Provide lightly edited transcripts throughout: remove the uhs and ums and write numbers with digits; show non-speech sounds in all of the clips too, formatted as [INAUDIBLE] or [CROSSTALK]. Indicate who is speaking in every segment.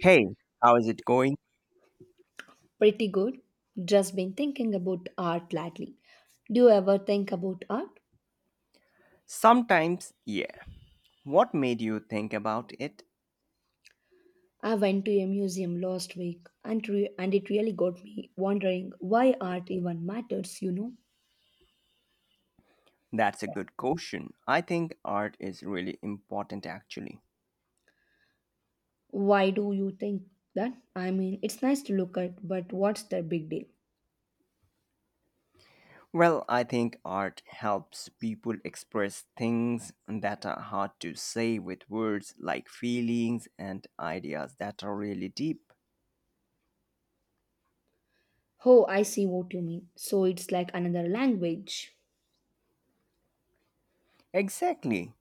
Speaker 1: Hey, how is it going?
Speaker 2: Pretty good. Just been thinking about art lately. Do you ever think about art?
Speaker 1: Sometimes, yeah. What made you think about it?
Speaker 2: I went to a museum last week and, and it really got me wondering why art even matters, you know?
Speaker 1: That's a good question. I think art is really important actually.
Speaker 2: Why do you think that? I mean, it's nice to look at, but what's the big deal?
Speaker 1: Well, I think art helps people express things that are hard to say with words, like feelings and ideas that are really deep.
Speaker 2: Oh, I see what you mean. So it's like another language.
Speaker 1: Exactly.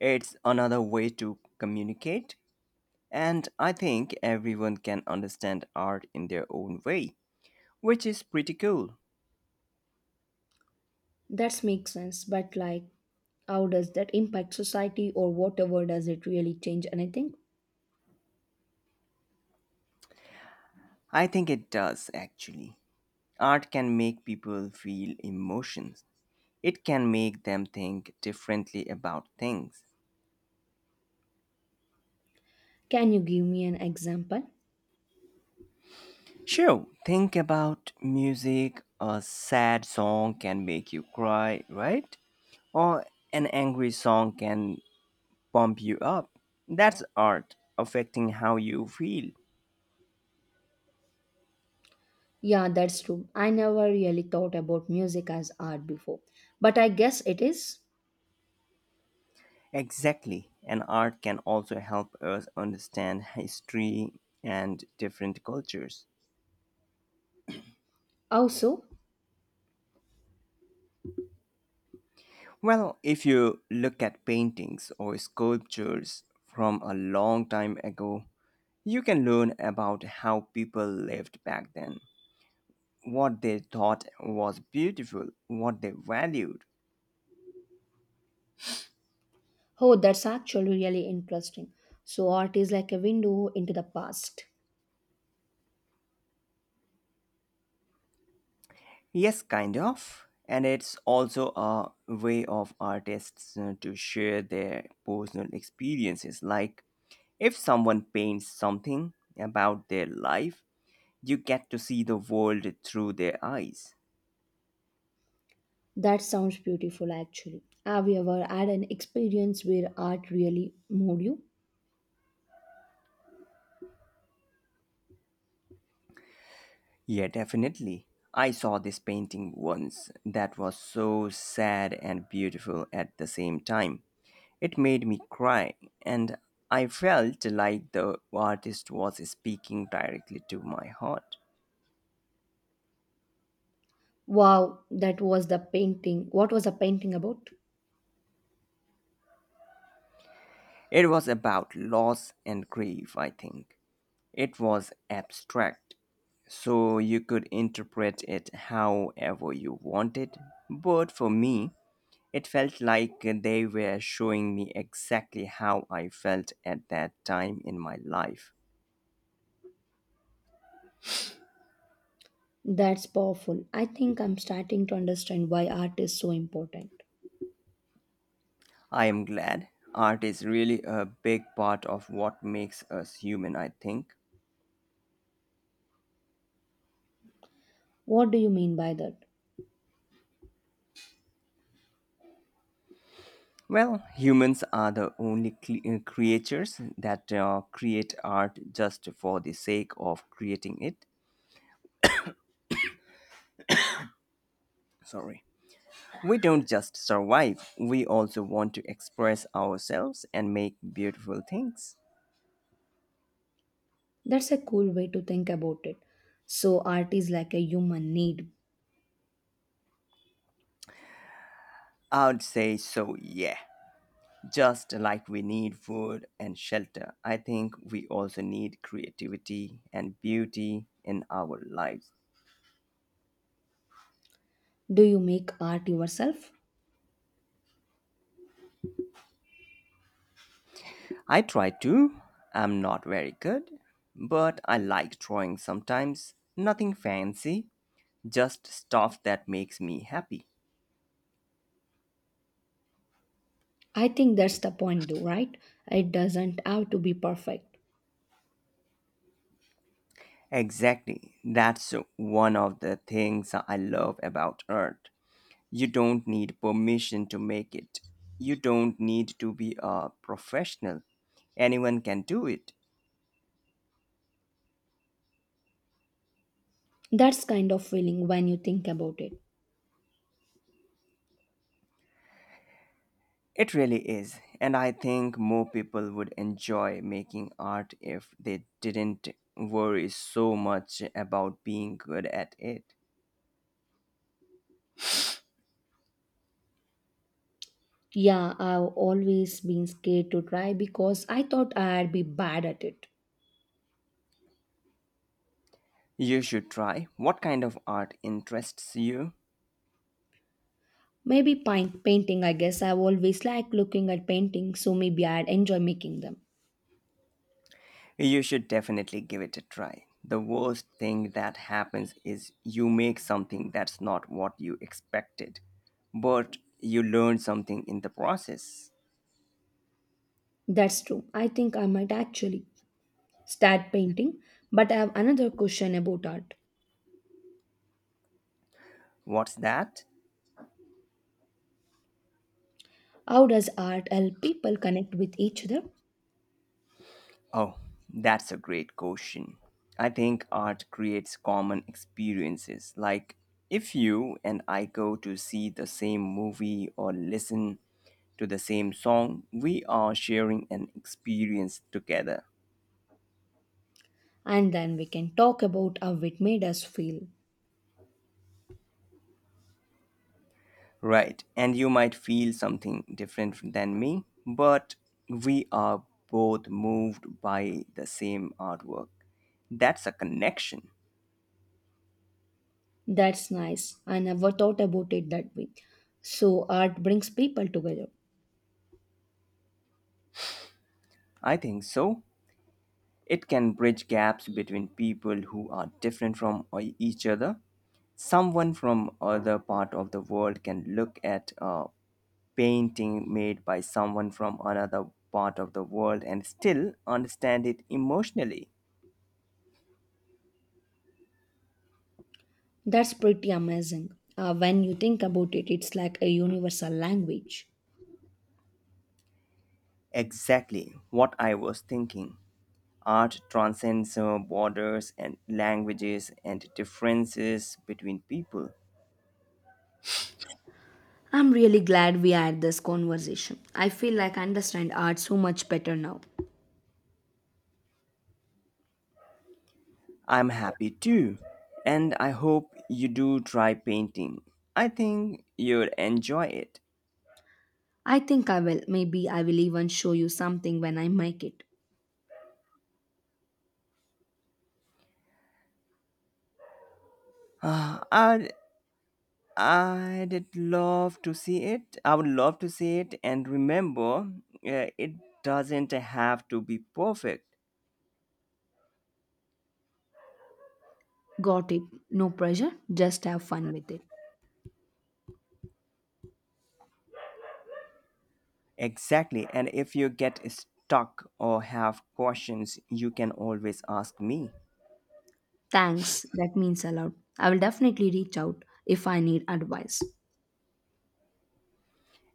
Speaker 1: It's another way to communicate, and I think everyone can understand art in their own way, which is pretty cool.
Speaker 2: That makes sense, but like, how does that impact society or whatever? Does it really change anything?
Speaker 1: I think it does actually. Art can make people feel emotions. It can make them think differently about things.
Speaker 2: Can you give me an example?
Speaker 1: Sure, think about music. A sad song can make you cry, right? Or an angry song can pump you up. That's art affecting how you feel.
Speaker 2: Yeah, that's true. I never really thought about music as art before, but I guess it is.
Speaker 1: Exactly. And art can also help us understand history and different cultures.
Speaker 2: Also,
Speaker 1: Well, if you look at paintings or sculptures from a long time ago, you can learn about how people lived back then, what they thought was beautiful, what they valued.
Speaker 2: oh, that's actually really interesting. So, art is like a window into the past.
Speaker 1: Yes, kind of. And it's also a way of artists to share their personal experiences. Like, if someone paints something about their life, you get to see the world through their eyes.
Speaker 2: That sounds beautiful, actually. Have you ever had an experience where art really moved you?
Speaker 1: Yeah, definitely. I saw this painting once that was so sad and beautiful at the same time. It made me cry, and I felt like the artist was speaking directly to my heart.
Speaker 2: Wow, that was the painting. What was the painting about?
Speaker 1: It was about loss and grief, I think. It was abstract, so you could interpret it however you wanted. But for me, it felt like they were showing me exactly how I felt at that time in my life.
Speaker 2: That's powerful. I think I'm starting to understand why art is so important.
Speaker 1: I am glad. Art is really a big part of what makes us human, I think.
Speaker 2: What do you mean by that?
Speaker 1: Well, humans are the only creatures that create art just for the sake of creating it. Sorry. We don't just survive, we also want to express ourselves and make beautiful things.
Speaker 2: That's a cool way to think about it. So, art is like a human need.
Speaker 1: I would say so, yeah. Just like we need food and shelter, I think we also need creativity and beauty in our lives.
Speaker 2: Do you make art yourself?
Speaker 1: I try to. I'm not very good, but I like drawing sometimes. Nothing fancy, just stuff that makes me happy.
Speaker 2: I think that's the point, though, right? It doesn't have to be perfect.
Speaker 1: Exactly. That's one of the things I love about art. You don't need permission to make it. You don't need to be a professional. Anyone can do it.
Speaker 2: That's kind of feeling when you think about it.
Speaker 1: It really is, and I think more people would enjoy making art if they didn't worry so much about being good at it.
Speaker 2: Yeah, I've always been scared to try because I thought I'd be bad at it.
Speaker 1: You should try. What kind of art interests you?
Speaker 2: Maybe paint, painting, I guess. I've always liked looking at paintings, so maybe I'd enjoy making them.
Speaker 1: You should definitely give it a try. The worst thing that happens is you make something that's not what you expected, but you learn something in the process.
Speaker 2: That's true. I think I might actually start painting. But I have another question about art.
Speaker 1: What's that?
Speaker 2: How does art help people connect with each other?
Speaker 1: Oh, that's a great question. I think art creates common experiences. Like, if you and I go to see the same movie or listen to the same song, we are sharing an experience together.
Speaker 2: And then we can talk about how it made us feel.
Speaker 1: Right, and you might feel something different than me, but we are both moved by the same artwork. That's a connection.
Speaker 2: That's nice. I never thought about it that way. So, art brings people together.
Speaker 1: I think so. It can bridge gaps between people who are different from each other. Someone from other part of the world can look at a painting made by someone from another part of the world and still understand it emotionally.
Speaker 2: That's pretty amazing. When you think about it, it's like a universal language.
Speaker 1: Exactly what I was thinking. Art transcends borders and languages and differences between people.
Speaker 2: I'm really glad we had this conversation. I feel like I understand art so much better now.
Speaker 1: I'm happy too, and I hope you do try painting. I think you'd enjoy it.
Speaker 2: I think I will. Maybe I will even show you something when I make it.
Speaker 1: [SIGHS] Ah, I'd love to see it. I would love to see it, and remember, it doesn't have to be perfect.
Speaker 2: Got it. No pressure. Just have fun with it.
Speaker 1: Exactly, and if you get stuck or have questions, you can always ask me.
Speaker 2: Thanks, that means a lot. I will definitely reach out if I need advice.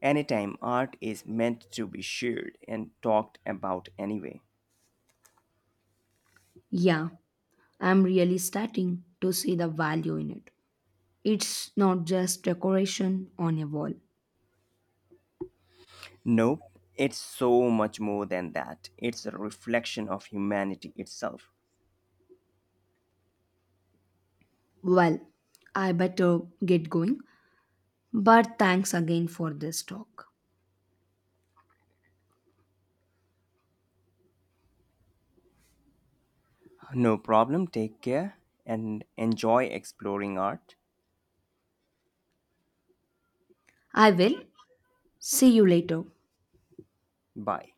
Speaker 1: Anytime art is meant to be shared and talked about anyway.
Speaker 2: Yeah, I'm really starting to see the value in it. It's not just decoration on a wall.
Speaker 1: Nope, it's so much more than that. It's a reflection of humanity itself.
Speaker 2: Well, I better get going, but thanks again for this talk.
Speaker 1: No problem, take care and enjoy exploring art.
Speaker 2: I will. See you later.
Speaker 1: Bye.